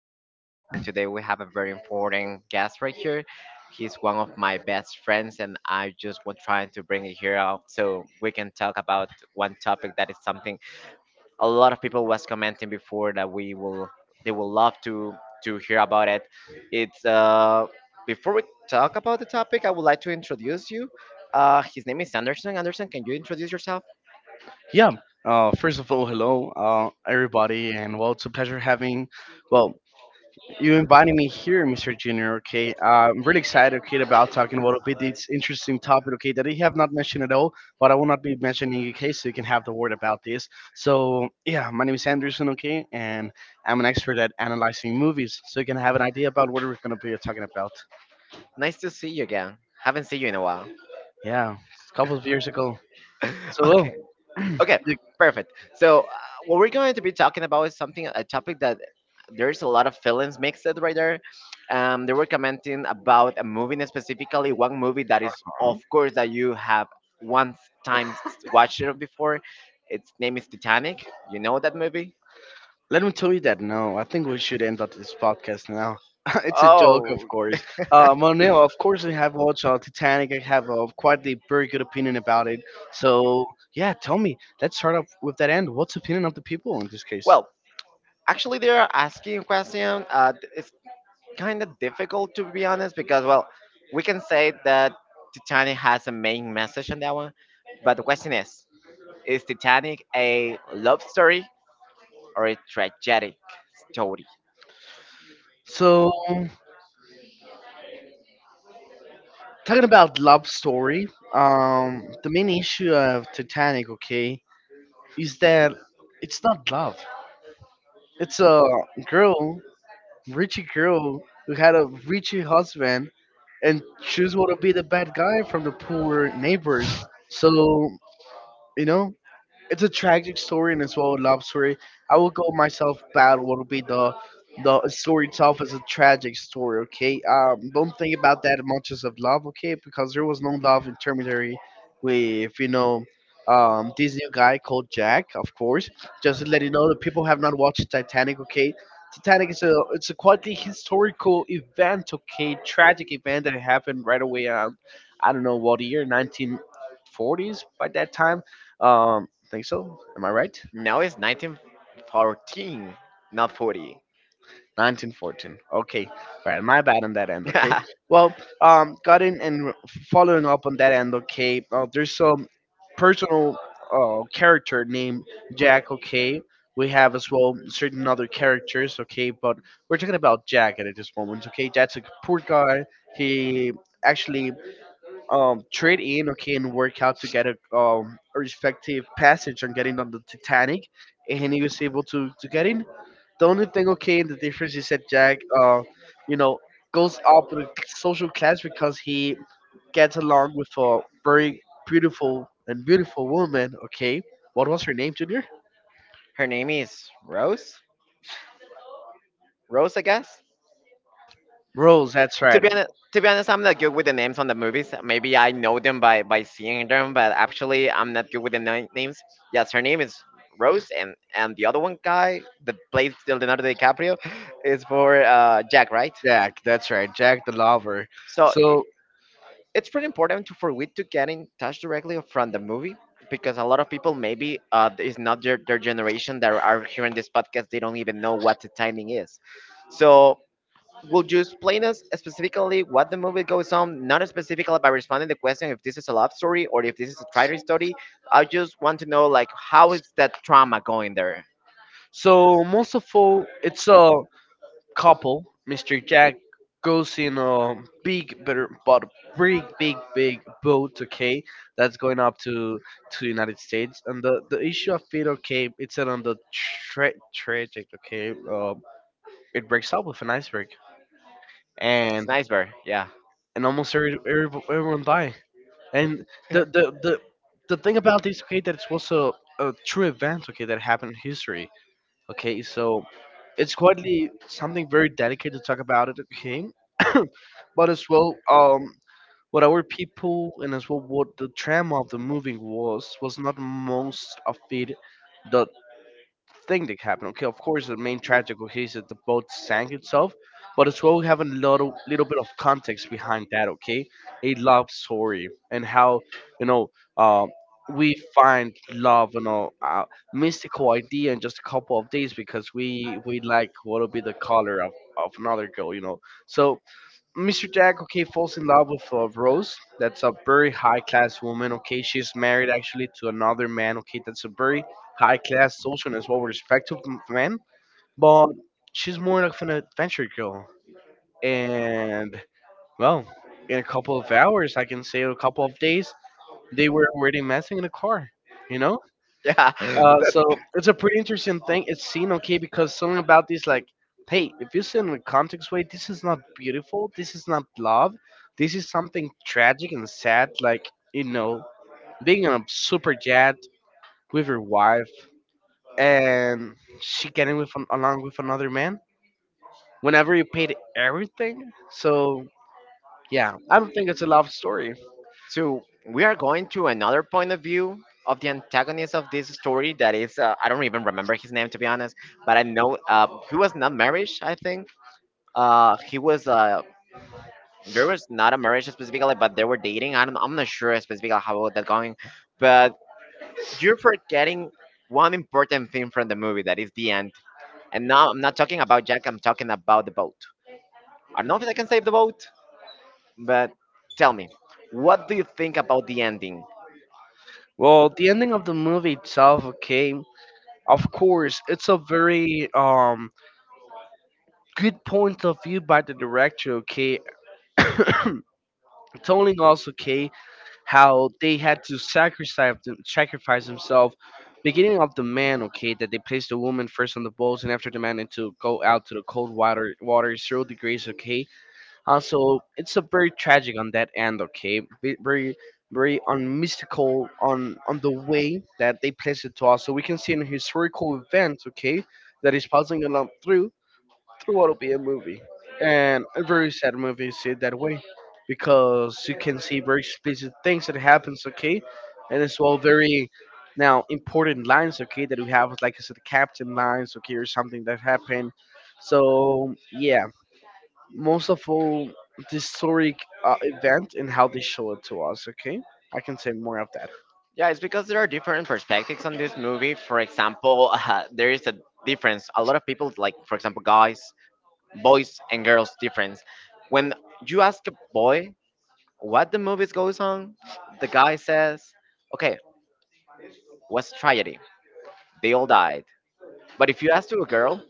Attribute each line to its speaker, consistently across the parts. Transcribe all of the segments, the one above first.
Speaker 1: Junior, and today we have a very important guest right here. He's one of my best friends, and I just was trying to bring it here out so we can talk about one topic that is something a lot of people was commenting before that we will they will love to hear about it. It's before we talk about the topic, I would like to introduce you. His name is Anderson. Anderson, can you introduce yourself?
Speaker 2: Yeah. First of all, hello, everybody, and well, it's a pleasure having, well, you inviting me here, Mr. Junior. Okay. I'm really excited, okay, about talking about a bit this interesting topic, okay, that I have not mentioned at all, but I will not be mentioning in case so you can have the word about this. So, yeah, my name is Anderson, okay, and I'm an expert at analyzing movies, so you can have an idea about what we're gonna be talking about.
Speaker 1: Nice to see you again. Haven't seen you in a while.
Speaker 2: Yeah, a couple of years ago. So, well,
Speaker 1: Okay. Okay,
Speaker 2: you
Speaker 1: perfect. What we're going to be talking about is something, a topic that there's a lot of feelings mixed right there. They were commenting about a movie, and specifically one movie that is, of course, that you have once time watched it before. Its name is Titanic. You know that movie?
Speaker 2: Let me tell you that no, I think we should end up this podcast now. It's a joke, of
Speaker 1: Oh,
Speaker 2: course. Monel, of course, we have watched Titanic. I have quite a very good opinion about it. So, yeah, tell me. Let's start off with that end. What's the opinion of the people in this case?
Speaker 1: well, actually, they are asking question. Kind of difficult to be honest, because well, we can say that Titanic has a main message on that one, but the question is Titanic a love story or a tragic story?
Speaker 2: So, talking about love story, the main issue of Titanic, okay, is that it's not love. It's a girl Richie girl who had a Richie husband, and she's want to be the bad guy from the poor neighbors. So, you know, it's a tragic story and as well a love story. I will go myself bad what'll be the story itself is a tragic story, okay? Um, don't think about that much as of love, okay? Because there was no love in Terminatory with, you know, um, this new guy called Jack, of course. Just to let you know that people have not watched Titanic, okay? Titanic is a it's a quite a historical event, okay, tragic event that happened right away, um, I don't know what year, 19 forties by that time. Um, think so. Am I right?
Speaker 1: No, it's 1914, not 40.
Speaker 2: 1914. Okay. All right. My bad on that end. Okay. Well, got in and following up on that end. Okay. There's some personal character named Jack. Okay. We have as well certain other characters. Okay. But we're talking about Jack at this moment. Okay. Jack's a poor guy. He actually, trade in. Okay, and work out to get a respective passage on getting on the Titanic, and he was able to get in. The only thing, okay, and the difference is that Jack, you know, goes up in social class because he gets along with a very beautiful and beautiful woman. Okay, what was her name, Junior?
Speaker 1: Her name is rose rose, I guess.
Speaker 2: Rose. That's
Speaker 1: To
Speaker 2: right.
Speaker 1: be honest, I'm not good with the names on the movies. Maybe I know them by seeing them, but actually, I'm not good with the names. Yes, her name is Rose, and the other one guy that plays Leonardo DiCaprio is for Jack, right?
Speaker 2: Jack. That's right, Jack the lover.
Speaker 1: So i-
Speaker 2: So,
Speaker 1: it's pretty important to for we to get in touch directly from the movie, because a lot of people maybe is not their generation that are hearing this podcast. They don't even know what the timing is. So will you explain us specifically what the movie goes on? Not specifically by responding the question if this is a love story or if this is a traitor story. I just want to know, like, how is that trauma going there?
Speaker 2: so, most of all, it's a couple, Mr. Jack goes in a big, better, but big, big, big boat, okay, that's going up to United States, and the issue of it, okay, it's on the tragic, okay, it breaks up with an iceberg,
Speaker 1: It's
Speaker 2: and
Speaker 1: nice, bear. Yeah,
Speaker 2: and almost every, everyone die, and the the the the thing about this, okay, that it was a true event, okay, that happened in history. Okay, so it's quietly something very delicate to talk about it. Okay, but as well, what our people and as well what the trama of the movie was not most of it. The thing that happened. Okay, of course, the main tragic okay is that the boat sank itself, but as well we have a little bit of context behind that. Okay, a love story and how you know, uh, we find love and all mystical idea in just a couple of days because we like what'll be the color of another girl. You know, so Mr. Jack, okay, falls in love with Rose. That's a very high class woman. Okay, she's married actually to another man. Okay, that's a very high class social and as well respectful man. But she's more of an adventure girl. And well, in a couple of hours, I can say a couple of days, they were already messing in a car. You know,
Speaker 1: yeah.
Speaker 2: so it's a pretty interesting thing. It's seen okay because something about this, like, hey, if you see it in a context way, this is not beautiful. This is not love. This is something tragic and sad. Like, you know, being on a super jet with your wife and she getting with an, along with another man. Whenever you paid everything, so yeah, I don't think it's a love story.
Speaker 1: So we are going to another point of view of the antagonist of this story. That is, I don't even remember his name, to be honest, but I know he was not marriage. I think he was. There was not a marriage specifically, but they were dating. I don't. I'm not sure specifically how was that going, but you're forgetting one important thing from the movie, that is the end. And now I'm not talking about Jack, I'm talking about the boat. I don't know if I can save the boat, but tell me, what do you think about the ending?
Speaker 2: Well, the ending of the movie itself, okay, of course, it's a very um, good point of view by the director, okay? Telling us, okay, how they had to sacrifice them, sacrifice themselves. Beginning of the man, okay, that they placed the woman first on the boats, and after the man had to go out to the cold water, zero degrees, okay. Also, it's a very tragic on that end, okay. Very, very unmystical on the way that they placed it to us. So we can see an historical event, okay, that is passing along through what'll be a movie. And a very sad movie is it that way because you can see very explicit things that happens, okay? And as well very now important lines, okay, that we have like I said the captain lines, okay, or something that happened. So yeah, most of all the historic event and how they show it to us, okay? I can say more of that.
Speaker 1: Yeah, it's because there are different perspectives on this movie. For example, there is a difference. A lot of people, like, for example, guys, boys, and girls, difference. When you ask a boy what the movie goes on, the guy says, okay, what's tragedy? They all died. But if you ask to a girl,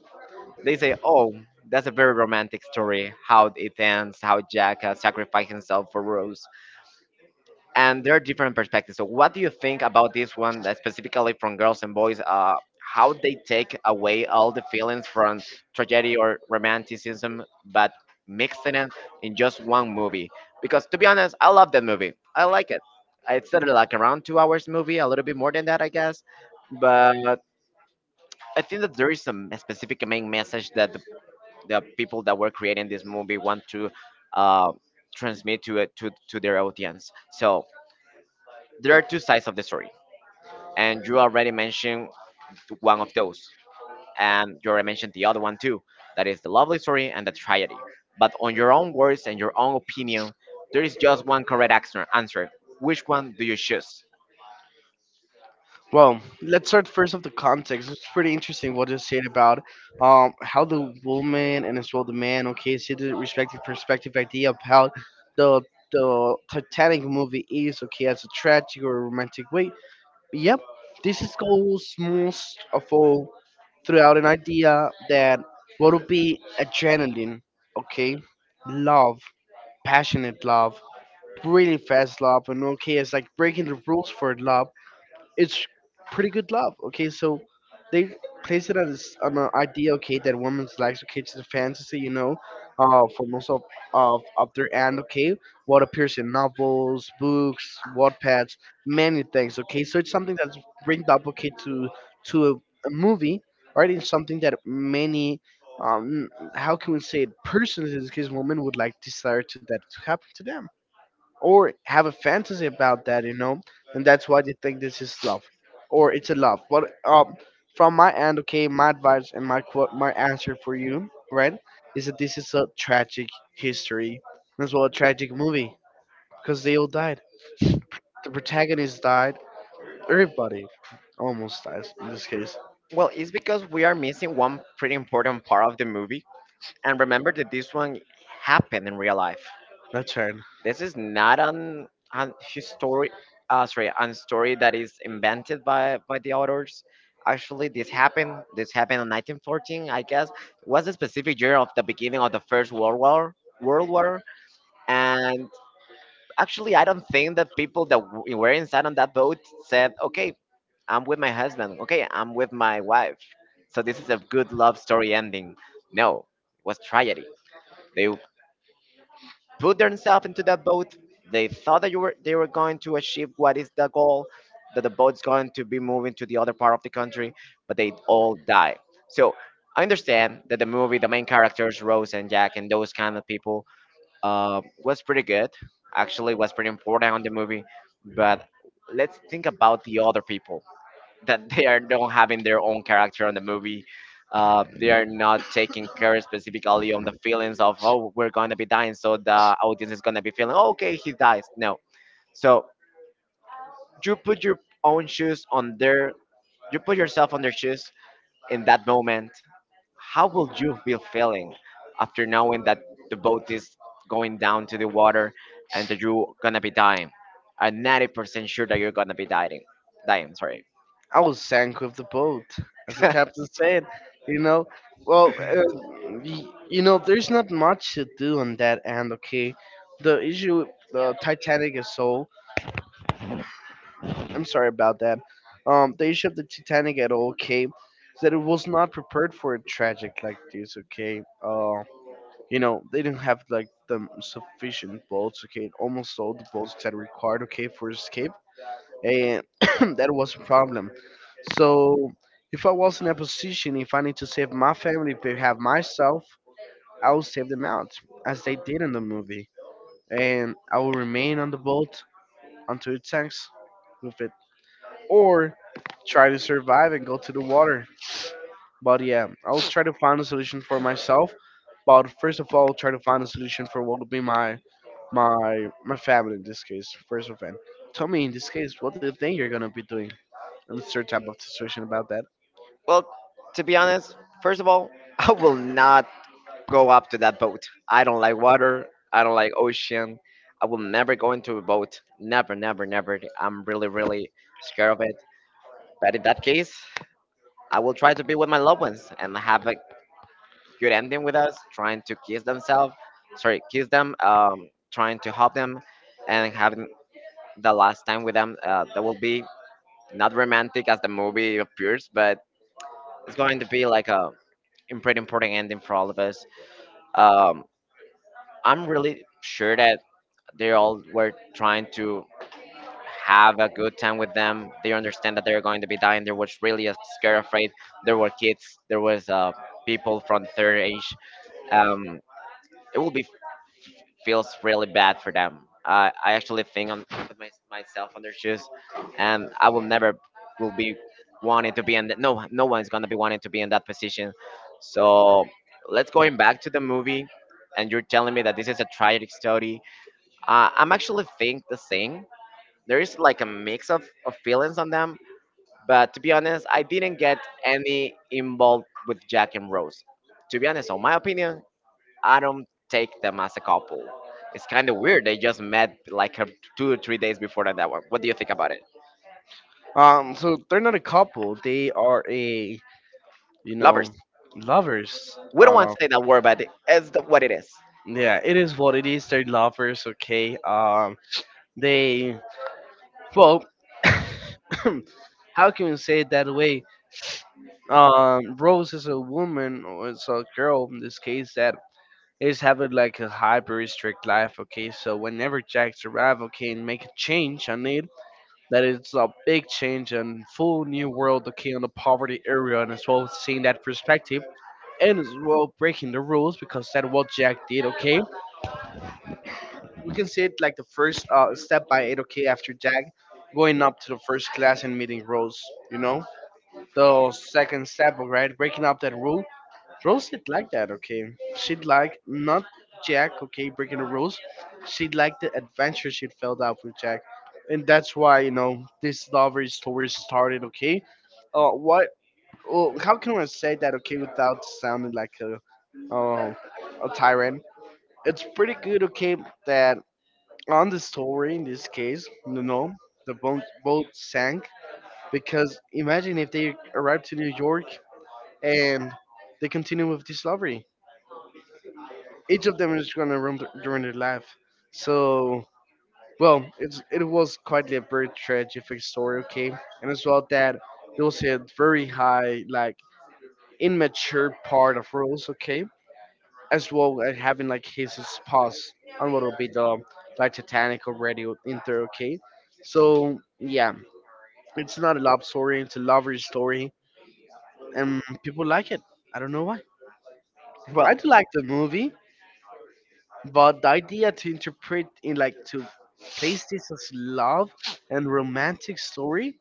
Speaker 1: they say, "Oh, that's a very romantic story. How it ends, how Jack sacrificed himself for Rose." And there are different perspectives. So, what do you think about this one, specifically from girls and boys? How they take away all the feelings from tragedy or romanticism, but mixing it in just one movie? Because to be honest, I love that movie. I like it. It's sort of like around 2 hours movie, a little bit more than that, I guess. But I think that there is some specific main message that the people that were creating this movie want to uh, transmit to it to their audience. So there are two sides of the story, and you already mentioned one of those, and you already mentioned the other one too, that is the lovely story and the tragedy. But on your own words and your own opinion, there is just one correct answer. Which one do you choose?
Speaker 2: Well, let's start first of the context. It's pretty interesting what you said about how the woman and as well the man, okay, see the respective perspective idea of how the the Titanic movie is, okay, as a tragic or romantic way. Yep, this is goes most of all throughout an idea that what would be adrenaline, okay, love, passionate love, really fast love, and okay, it's like breaking the rules for love, it's pretty good love. Okay, so they place it as on an idea, okay, that women's likes, okay, it's a fantasy, you know, for most of their end, okay, what appears in novels, books, Wattpads, many things, okay, so it's something that's bringed up, okay, to a movie, right? It's something that many, um, how can we say it, persons in this case, women would like desire to that to happen to them or have a fantasy about that, you know, and that's why they think this is love, or it's a love. But from my end, okay, my advice and my quote, my answer for you, right, is that this is a tragic history, as well a tragic movie because they all died. The protagonist died. Everybody almost dies in this case.
Speaker 1: Well, it's because we are missing one pretty important part of the movie, and remember that this one happened in real life.
Speaker 2: That's right.
Speaker 1: This is not an history, sorry, an story that is invented by the authors. Actually, this happened. This happened in 1914, I guess. It was a specific year of the beginning of the First World War. World War, and actually, I don't think that people that were inside on that boat said, "Okay, I'm with my husband. Okay, I'm with my wife. So this is a good love story ending." No, it was tragedy. They put themselves into that boat. They thought that you were they were going to achieve what is the goal, that the boat's going to be moving to the other part of the country, but they all die. So I understand that the movie, the main characters, Rose and Jack and those kind of people, was pretty good. Actually, was pretty important on the movie. But let's think about the other people that they are not having their own character on the movie. They are not taking care specifically on the feelings of, oh, we're gonna be dying, so the audience is gonna be feeling, "Oh, okay, he dies." No, so you put your own shoes on their, you put yourself on their shoes in that moment. How will you be feeling after knowing that the boat is going down to the water and that you're gonna be dying? I'm 90% sure that you're gonna be dying. Dying, sorry.
Speaker 2: I was sank with the boat, as the captain said. You know, well, you know, there's not much to do on that end. Okay, the issue, the Titanic is so. I'm sorry about that. The issue of the Titanic at all, okay, is that it was not prepared for a tragic like this. Okay, you know, they didn't have like the sufficient boats. Okay, almost all the boats that required. Okay, for escape and that was a problem. So if I was in a position, if I need to save my family, have myself, I will save them out, as they did in the movie, and I will remain on the boat until it sinks with it, or try to survive and go to the water. But yeah, I'll try to find a solution for myself. But first of all, try to find a solution for what would be my my family in this case, first of all. Tell me in this case, what do you think you're gonna be doing in a certain type of situation about that?
Speaker 1: Well, to be honest, first of all, I will not go up to that boat. I don't like water. I don't like ocean. I will never go into a boat. Never, never, never. I'm really scared of it. But in that case, I will try to be with my loved ones and have a good ending with us, trying to kiss themselves, sorry, kiss them, trying to help them, and having the last time with them. That will be not romantic as the movie appears, but it's going to be like a pretty important ending for all of us. um, I'm really sure that they all were trying to have a good time with them. They understand that they're going to be dying. They was really scared, afraid. There were kids. There was people from the third age. Um, it will be feels really bad for them. I actually think on put myself on their shoes, and I will never will be wanting to be in. The, no, no one's gonna be wanting to be in that position. So let's going back to the movie, and you're telling me that this is a tragic story. I'm actually think the same. There is like a mix of feelings on them, but to be honest, I didn't get any involved with Jack and Rose. To be honest, on my opinion, I don't take them as a couple. It's kind of weird. They just met like 2 or 3 days before that one. What do you think about it?
Speaker 2: So they're not a couple; they are a you
Speaker 1: Lovers.
Speaker 2: know lovers.
Speaker 1: We don't want to say that word, but it's the, what it is.
Speaker 2: Yeah, it is what it is. They're lovers, okay. They well, how can we say it that way? Rose is a woman, or it's a girl in this case that is having like a hyper strict life, okay? So whenever Jack's arrive, okay, and make a change on it, that is a big change and full new world, okay, on the poverty area, and as well seeing that perspective, and as well breaking the rules because that what Jack did, okay? We can see it like the first step by it, okay, after Jack going up to the first class and meeting Rose, you know? The second step, right, breaking up that rule Rose did like that, okay. She'd like not Jack, okay, breaking the rules. She'd like the adventure she felt out with Jack, and that's why you know this lover story started, okay. What? Well, how can I say that, okay, without sounding like uh, a tyrant? It's pretty good, okay, that on the story in this case, you know, the boat sank because imagine if they arrived to New York and they continue with this lover. Each of them is gonna during their life. So, well, it was quite a very tragic story, okay, and as well that there was a very high like immature part of Rose, okay, as well as having like his spouse on what will be the like Titanic already in there, okay. So yeah, it's not a love story; it's a lover story, and people like it. I don't know why. I
Speaker 1: Well,
Speaker 2: do like the movie, but the idea to interpret in like to place this as love and romantic story,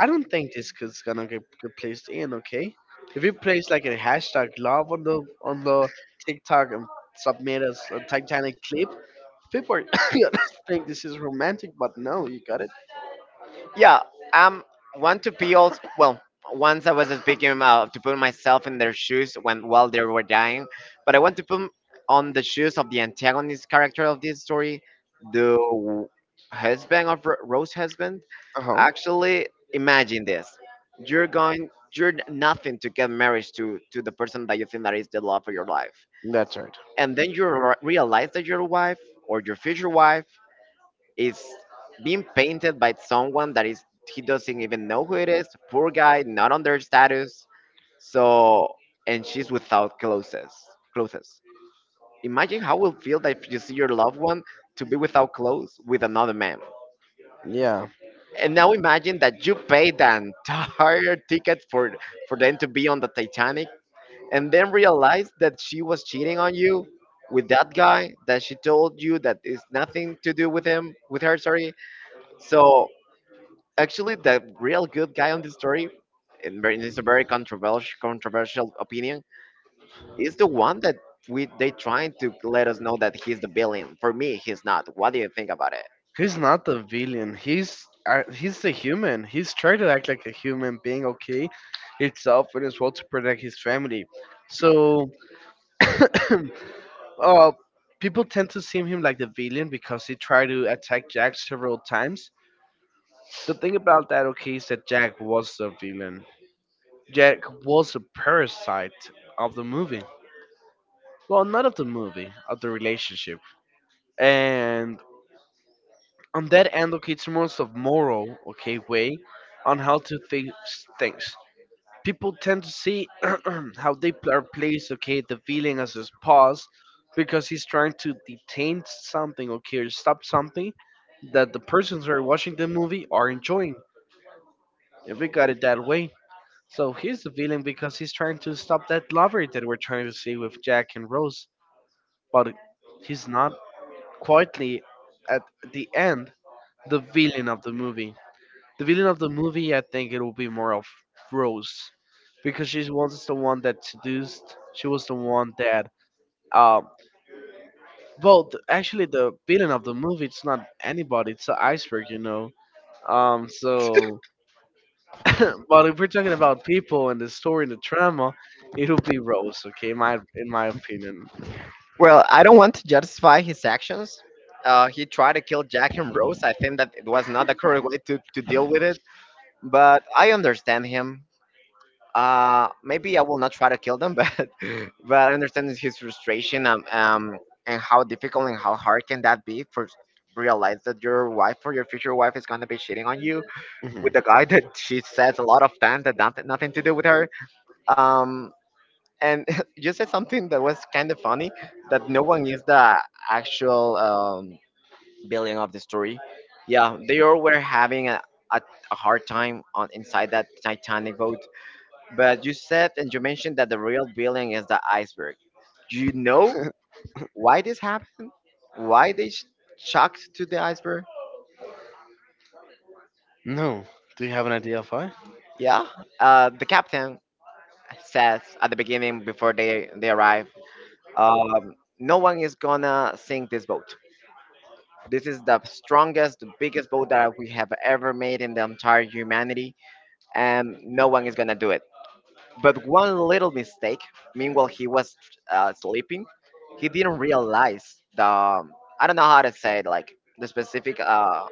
Speaker 2: I don't think this is gonna get placed in, okay. If you place like a hashtag love on the TikTok and submit us a Titanic clip, people are gonna think this is romantic, but no, you got it.
Speaker 1: yeah, um, want to be also well. Once I was speaking about to put myself in their shoes when while they were dying, but I want to put on the shoes of the antagonist character of this story, the husband of Rose husband.
Speaker 2: Uh-huh.
Speaker 1: Actually, imagine this: you're going, you're nothing to get married to the person that you think that is the love of your life,
Speaker 2: That's right.
Speaker 1: and then you realize that your wife or your future wife is being painted by someone that is, he doesn't even know who it is. Poor guy, not on their status. So and she's without clothes. Clothes. Imagine how will feel that if you see your loved one to be without clothes with another man.
Speaker 2: Yeah.
Speaker 1: And now imagine that you paid the entire ticket for them to be on the Titanic, and then realize that she was cheating on you with that guy that she told you that is nothing to do with him, with her, sorry. So actually the real good guy on this story, and very- it's a very controversial opinion, is the one that we they trying to let us know that he's the villain. For me, he's not. What do you think about it?
Speaker 2: He's not the villain. He's the human. He's trying to act like a human being, okay, himself and as well to protect his family. So, uh, people tend to see him like the villain because he tried to attack Jack several times. The thing about that, okay, is that Jack was the villain. Jack was a parasite of the movie. Well, not of the movie, of the relationship. And and that advocates most of moral, okay, way on how to think things. People tend to see how they are placed, okay, the feeling as his pause because he's trying to detain something, okay, or stop something that the persons who are watching the movie are enjoying. If we got it that way. So here's the villain because he's trying to stop that lover that we're trying to see with Jack and Rose, but he's not quietly at the end the villain of the movie. The villain of the movie, I think it will be more of Rose, because she was the one that seduced. She was the one that. Um, Actually, the villain of the movie it's not anybody. It's an iceberg, you know. Um, so, but if we're talking about people and the story and the trauma, it'll be Rose. Okay, my in my opinion.
Speaker 1: Well, I don't want to justify his actions. He tried to kill Jack and Rose. I think that it was not the correct way to deal with it, but I understand him. Maybe I will not try to kill them but I understand his frustration and how difficult and how hard can that be for realize that your wife or your future wife is going to be cheating on you
Speaker 2: Hmm.
Speaker 1: with the guy that she says a lot of times that nothing to do with her. Um and you said something that was kind of funny, that no one is the actual villain of the story. Yeah, they all were having a, a hard time on inside that Titanic boat. But you said, and you mentioned, that the real billing is the iceberg. Do you know why this happened? Why they shocked to the iceberg?
Speaker 2: No, do you have an idea of why?
Speaker 1: Yeah, the captain says at the beginning, before they arrive, no one is gonna sink this boat. This is the strongest, the biggest boat that we have ever made in the entire humanity, and no one is gonna do it. But one little mistake, meanwhile he was sleeping, he didn't realize the I don't know how to say it, like the specific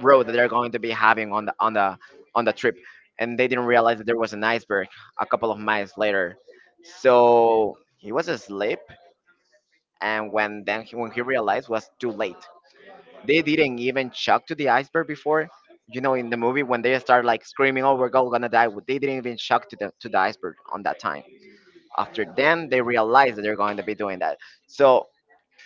Speaker 1: road that they're going to be having on the trip, and they didn't realize that there was an iceberg a couple of miles later. So he was asleep, and when when he realized, was too late. They didn't even shock to the iceberg before. You know, in the movie when they start like screaming, "Oh, we're all gonna die," they didn't even shock to the iceberg on that time. After then they realize that they're going to be doing that. So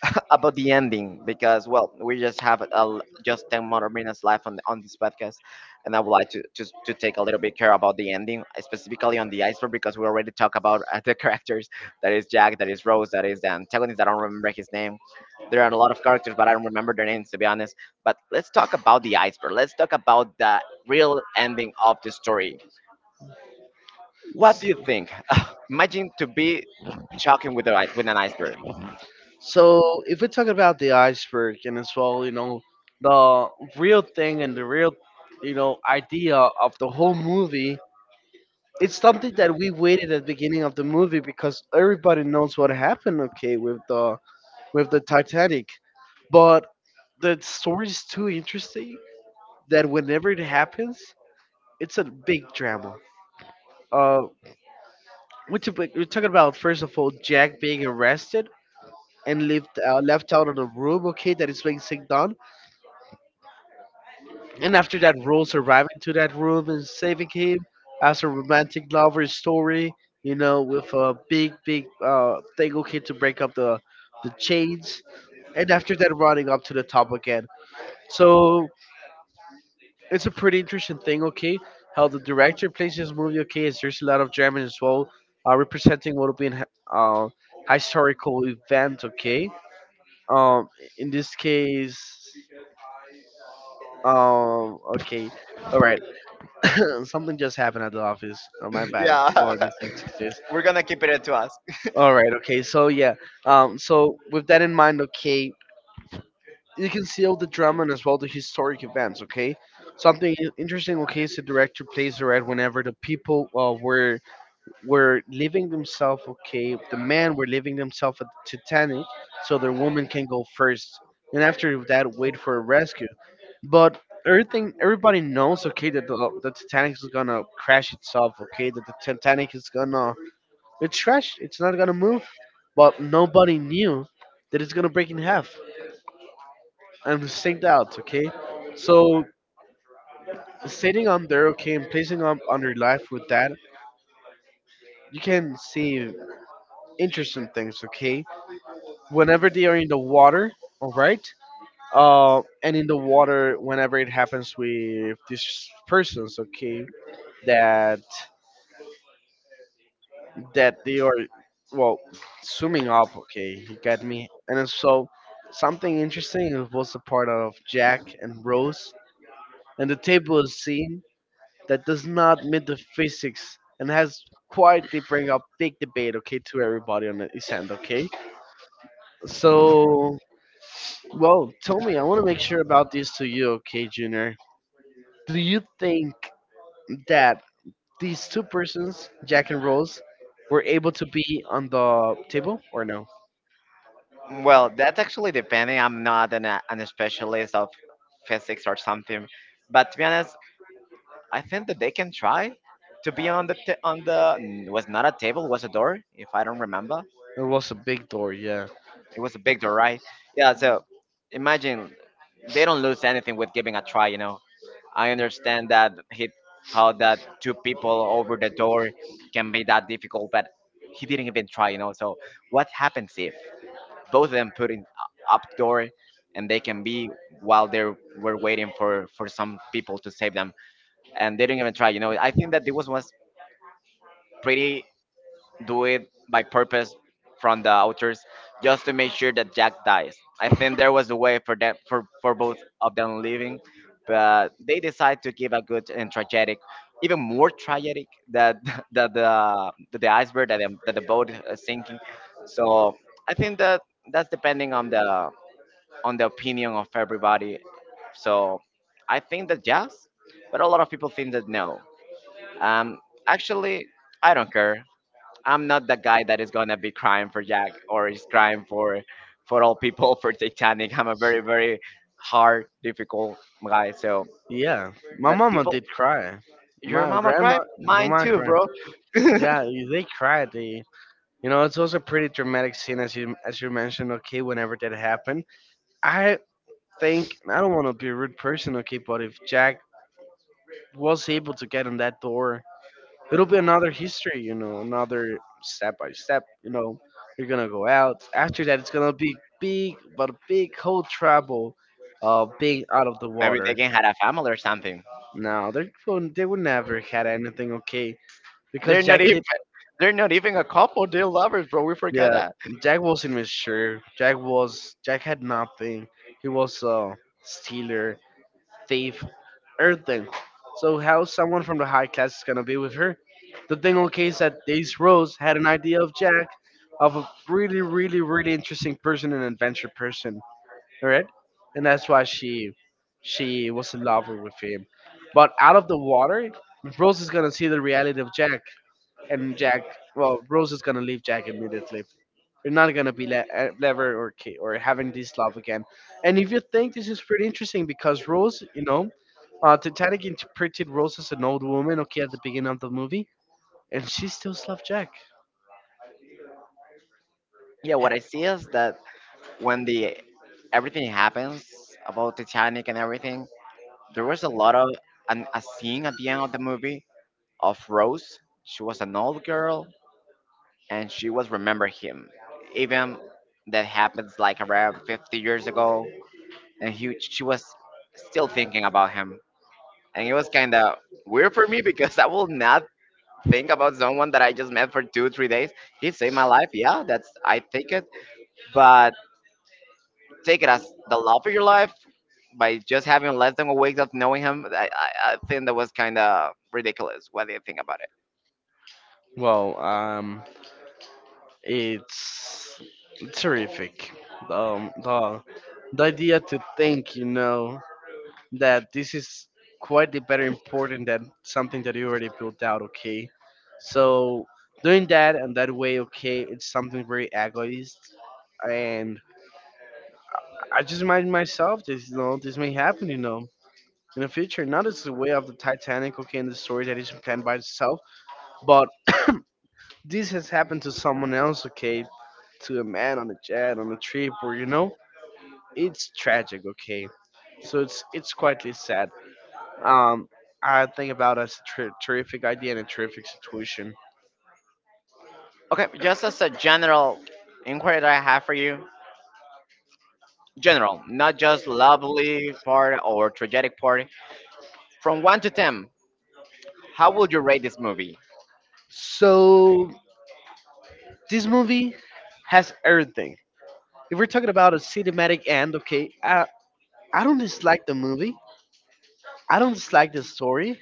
Speaker 1: about the ending, because well, we just have just 10 more minutes left on this podcast, and I would like to just to take a little bit care about the ending, specifically on the iceberg, because we already talked about the characters. That is Jack, that is Rose, that is the antagonist. I don't remember his name. There are a lot of characters, but I don't remember their names, to be honest. But let's talk about the iceberg, let's talk about the real ending of the story. What do you think? Imagine to be talking with an iceberg.
Speaker 2: So if we talk about the iceberg and as well, you know, the real thing and the real, you know, idea of the whole movie, it's something that we waited at the beginning of the movie because everybody knows what happened, okay, with the Titanic. But the story is too interesting that whenever it happens, it's a big drama. Uh, we're talking about first of all Jack being arrested and left left out of the room. Okay, that is being signed on. And after that, Rose arriving to that room and saving him as a romantic lover story, you know, with a big, big thing, okay, to break up the chains. And after that, running up to the top again. So it's a pretty interesting thing, okay, how the director plays this movie, okay, is there's a lot of German as well, representing what will be an uh, historical event, okay. Um, in this case, okay, all right. Something just happened at the office. Oh, my bad. I
Speaker 1: Yeah,
Speaker 2: forgot this Tuesdays.
Speaker 1: we're gonna keep it to us.
Speaker 2: All right. Okay. So yeah. So with that in mind, okay, you can see all the drama and as well the historic events. Okay. Something interesting. Okay, is the director plays the right whenever the people were leaving themselves, okay. The men were leaving themselves at the Titanic so their woman can go first, and after that wait for a rescue. But everything everybody knows okay that the Titanic is gonna crash itself, okay, that the Titanic is gonna it's trash, it's not gonna move, but nobody knew that it's gonna break in half and sink out, okay. So sitting on there, okay, and placing on their life with that, you can see interesting things okay whenever they are in the water, all right, and in the water whenever it happens with these persons, okay, that that they are, well, swimming up, okay, you get me, and then so something interesting was a part of Jack and Rose, and the table is scene that does not meet the physics and has quietly bring up big debate okay to everybody on the island, okay. So well, tell me, I want to make sure about this to you, okay, Junior. Do you think that these two persons, Jack and Rose, were able to be on the table or no?
Speaker 1: Well, that's actually depending. I'm not an specialist of physics or something, but to be honest, I think that they can try to be on the was not a table, was a door. If I don't remember,
Speaker 2: It was a big door, yeah.
Speaker 1: it was a big door, right? Yeah. So imagine, they don't lose anything with giving a try. I understand that he how that two people over the door can be that difficult, but he didn't even try. So what happens if both of them put in up door and they can be, while they were waiting for some people to save them, and they didn't even try. I think that this was pretty do it by purpose from the authors, just to make sure that Jack dies. I think there was a way for them, for both of them living, but they decide to give a good and tragic, even more tragic that that the iceberg, that the boat is sinking. So I think that that's depending on the opinion of everybody. So I think that yes, but a lot of people think that no. Um, Actually, I don't care. I'm not the guy that is gonna be crying for Jack, or is crying for all people for Titanic. I'm a very very hard, difficult guy. So,
Speaker 2: Yeah, my
Speaker 1: but
Speaker 2: mama
Speaker 1: people,
Speaker 2: did cry.
Speaker 1: your
Speaker 2: My
Speaker 1: mama
Speaker 2: grandma,
Speaker 1: cry,
Speaker 2: oh,
Speaker 1: mine
Speaker 2: my
Speaker 1: too,
Speaker 2: grand,
Speaker 1: bro. Maybe
Speaker 2: yeah, they cried. They, you know, it was a pretty dramatic scene, as you mentioned. Okay, whenever that happened, I think I don't want to be a rude person. Okay, but if Jack was able to get on that door, it'll be another history, you know, another step by step, you know. You're gonna go out. After that, it's gonna be big, but a big whole trouble of being out of the
Speaker 1: they
Speaker 2: water.
Speaker 1: can have a family or something.
Speaker 2: Now they they would never had anything okay
Speaker 1: They're
Speaker 2: because
Speaker 1: not
Speaker 2: Jack
Speaker 1: even
Speaker 2: did.
Speaker 1: they're not even a couple. They're lovers, bro. We forgot
Speaker 2: Yeah,
Speaker 1: that.
Speaker 2: Jack wasn't mature. Jack had nothing. He was a stealer, thief, everything. So how someone from the high class is gonna be with her? The thing okay is that Daisy Rose had an idea of Jack, of a really, really, really interesting person, an adventure person, alright? And that's why she was in love with him. But out of the water, Rose is gonna see the reality of Jack, and Jack, well, Rose is gonna leave Jack immediately. You're not gonna be lever or or having this love again. And if you think this is pretty interesting, because Rose, you know, Titanic interpreted Rose as an old woman, okay, at the beginning of the movie, and she still loved Jack.
Speaker 1: Yeah, what I see is that when the everything happens about Titanic and everything, there was a scene at the end of the movie of Rose. She was an old girl and she was remember him. Even that happens like around 50 years ago and she was still thinking about him. And it was kind of weird for me because I will not think about someone that I just met for two, 3 days. He saved my life. Yeah, that's, I take it. But take it as the love of your life by just having less than a week of knowing him. I think that was kind of ridiculous. What do you think about?
Speaker 2: Well, it's terrific. Um, the the idea to think, you know, that this is quite the better important than something that you already built out, okay. So doing that and that way, okay, it's something very egoist, and I just remind myself this, you know, this may happen, you know, in the future, not as the way of the Titanic, okay, and the story that is planned by itself, but this has happened to someone else, okay, to a man on a jet on a trip or, you know, it's tragic, okay, so it's quite sad. Um, I think about it as a terrific idea and a terrific situation.
Speaker 1: Okay, just as a general inquiry that I have for you, general, not just lovely part or tragic part. From 1 to 10, how would you rate this movie?
Speaker 2: So this movie has everything. If we're talking about a cinematic end, okay, I don't dislike the movie. I don't dislike the story.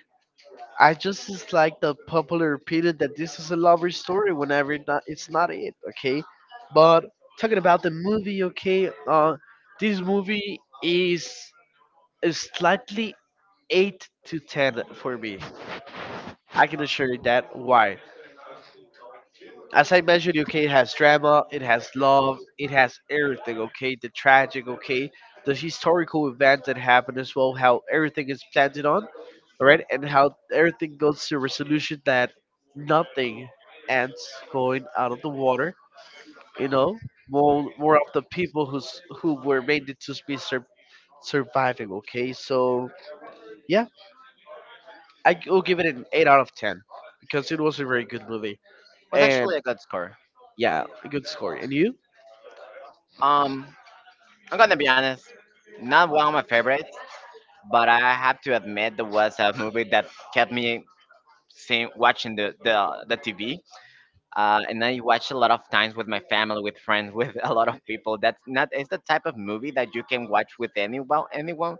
Speaker 2: I just dislike the popular opinion that this is a lover story whenever it not, it's not it, okay? But talking about the movie, okay, this movie is a slightly 8 to 10 for me. I can assure you that. Why? As I mentioned, okay, it has drama, it has love, it has everything, okay? The tragic, okay? The historical event that happened as well, how everything is planted on, alright? And how everything goes to resolution that nothing ends going out of the water, you know? More of the people who were made it to be surviving, okay? So, yeah, I will give it an 8 out of 10 because it was a very good movie.
Speaker 1: Was
Speaker 2: And,
Speaker 1: actually a good score.
Speaker 2: yeah, a good score. And you?
Speaker 1: Um, I'm gonna be honest, not one of my favorites, but I have to admit there was a movie that kept me seeing watching the TV. And I watched a lot of times with my family, with friends, with a lot of people. That's not, it's the type of movie that you can watch with anyone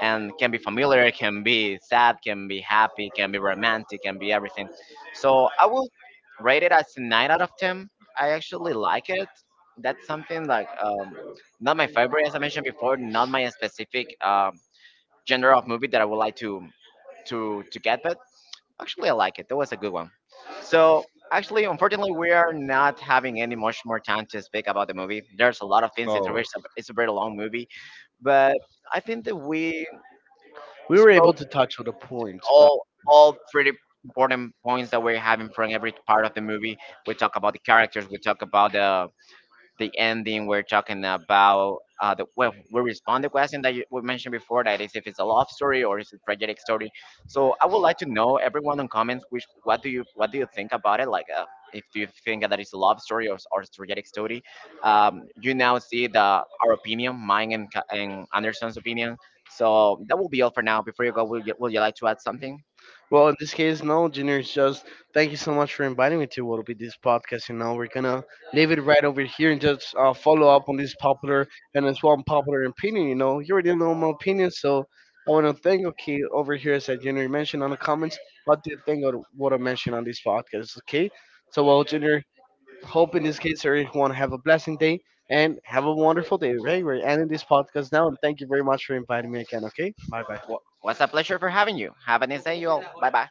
Speaker 1: and can be familiar, can be sad, can be happy, can be romantic, can be everything. So I will rate it as a 9 out of 10. I actually like it. That's something like not my favorite, as I mentioned before, not my specific genre of movie that I would like to get, but actually I like it. That was a good one. So actually, unfortunately, we are not having any much more time to speak about the movie. There's a lot of things. It's a very long movie, but I think that we
Speaker 2: We were able
Speaker 1: spoke
Speaker 2: to touch on the points, but
Speaker 1: all pretty important points that we're having from every part of the movie. We talk about the characters. We talk about the ending. We're talking about we respond the question that you, we mentioned before. That is, if it's a love story or it's a tragic story. So I would like to know everyone on comments. Which what do you think about it? Like. If do you think that it's a love story or tragic story, you now see the our opinion, mine and Anderson's opinion. So that will be all for now. Before you go, would you like to add something?
Speaker 2: well, in this case, no, Junior is just thank you so much for inviting me to what'll be this podcast. You know, we're gonna leave it right over here and just follow up on this popular and as well unpopular opinion. You know, you already know my opinion, so I want to thank okay over here as that Junior mentioned on the comments. What do you think of what I mentioned on this podcast? Okay, so well, Junior, hope in this case everyone have a blessing day and have a wonderful day, right? We're ending this podcast now and thank you very much for inviting me again, okay?
Speaker 1: Wa- was a pleasure for having you. Have a nice day, you all. Bye bye.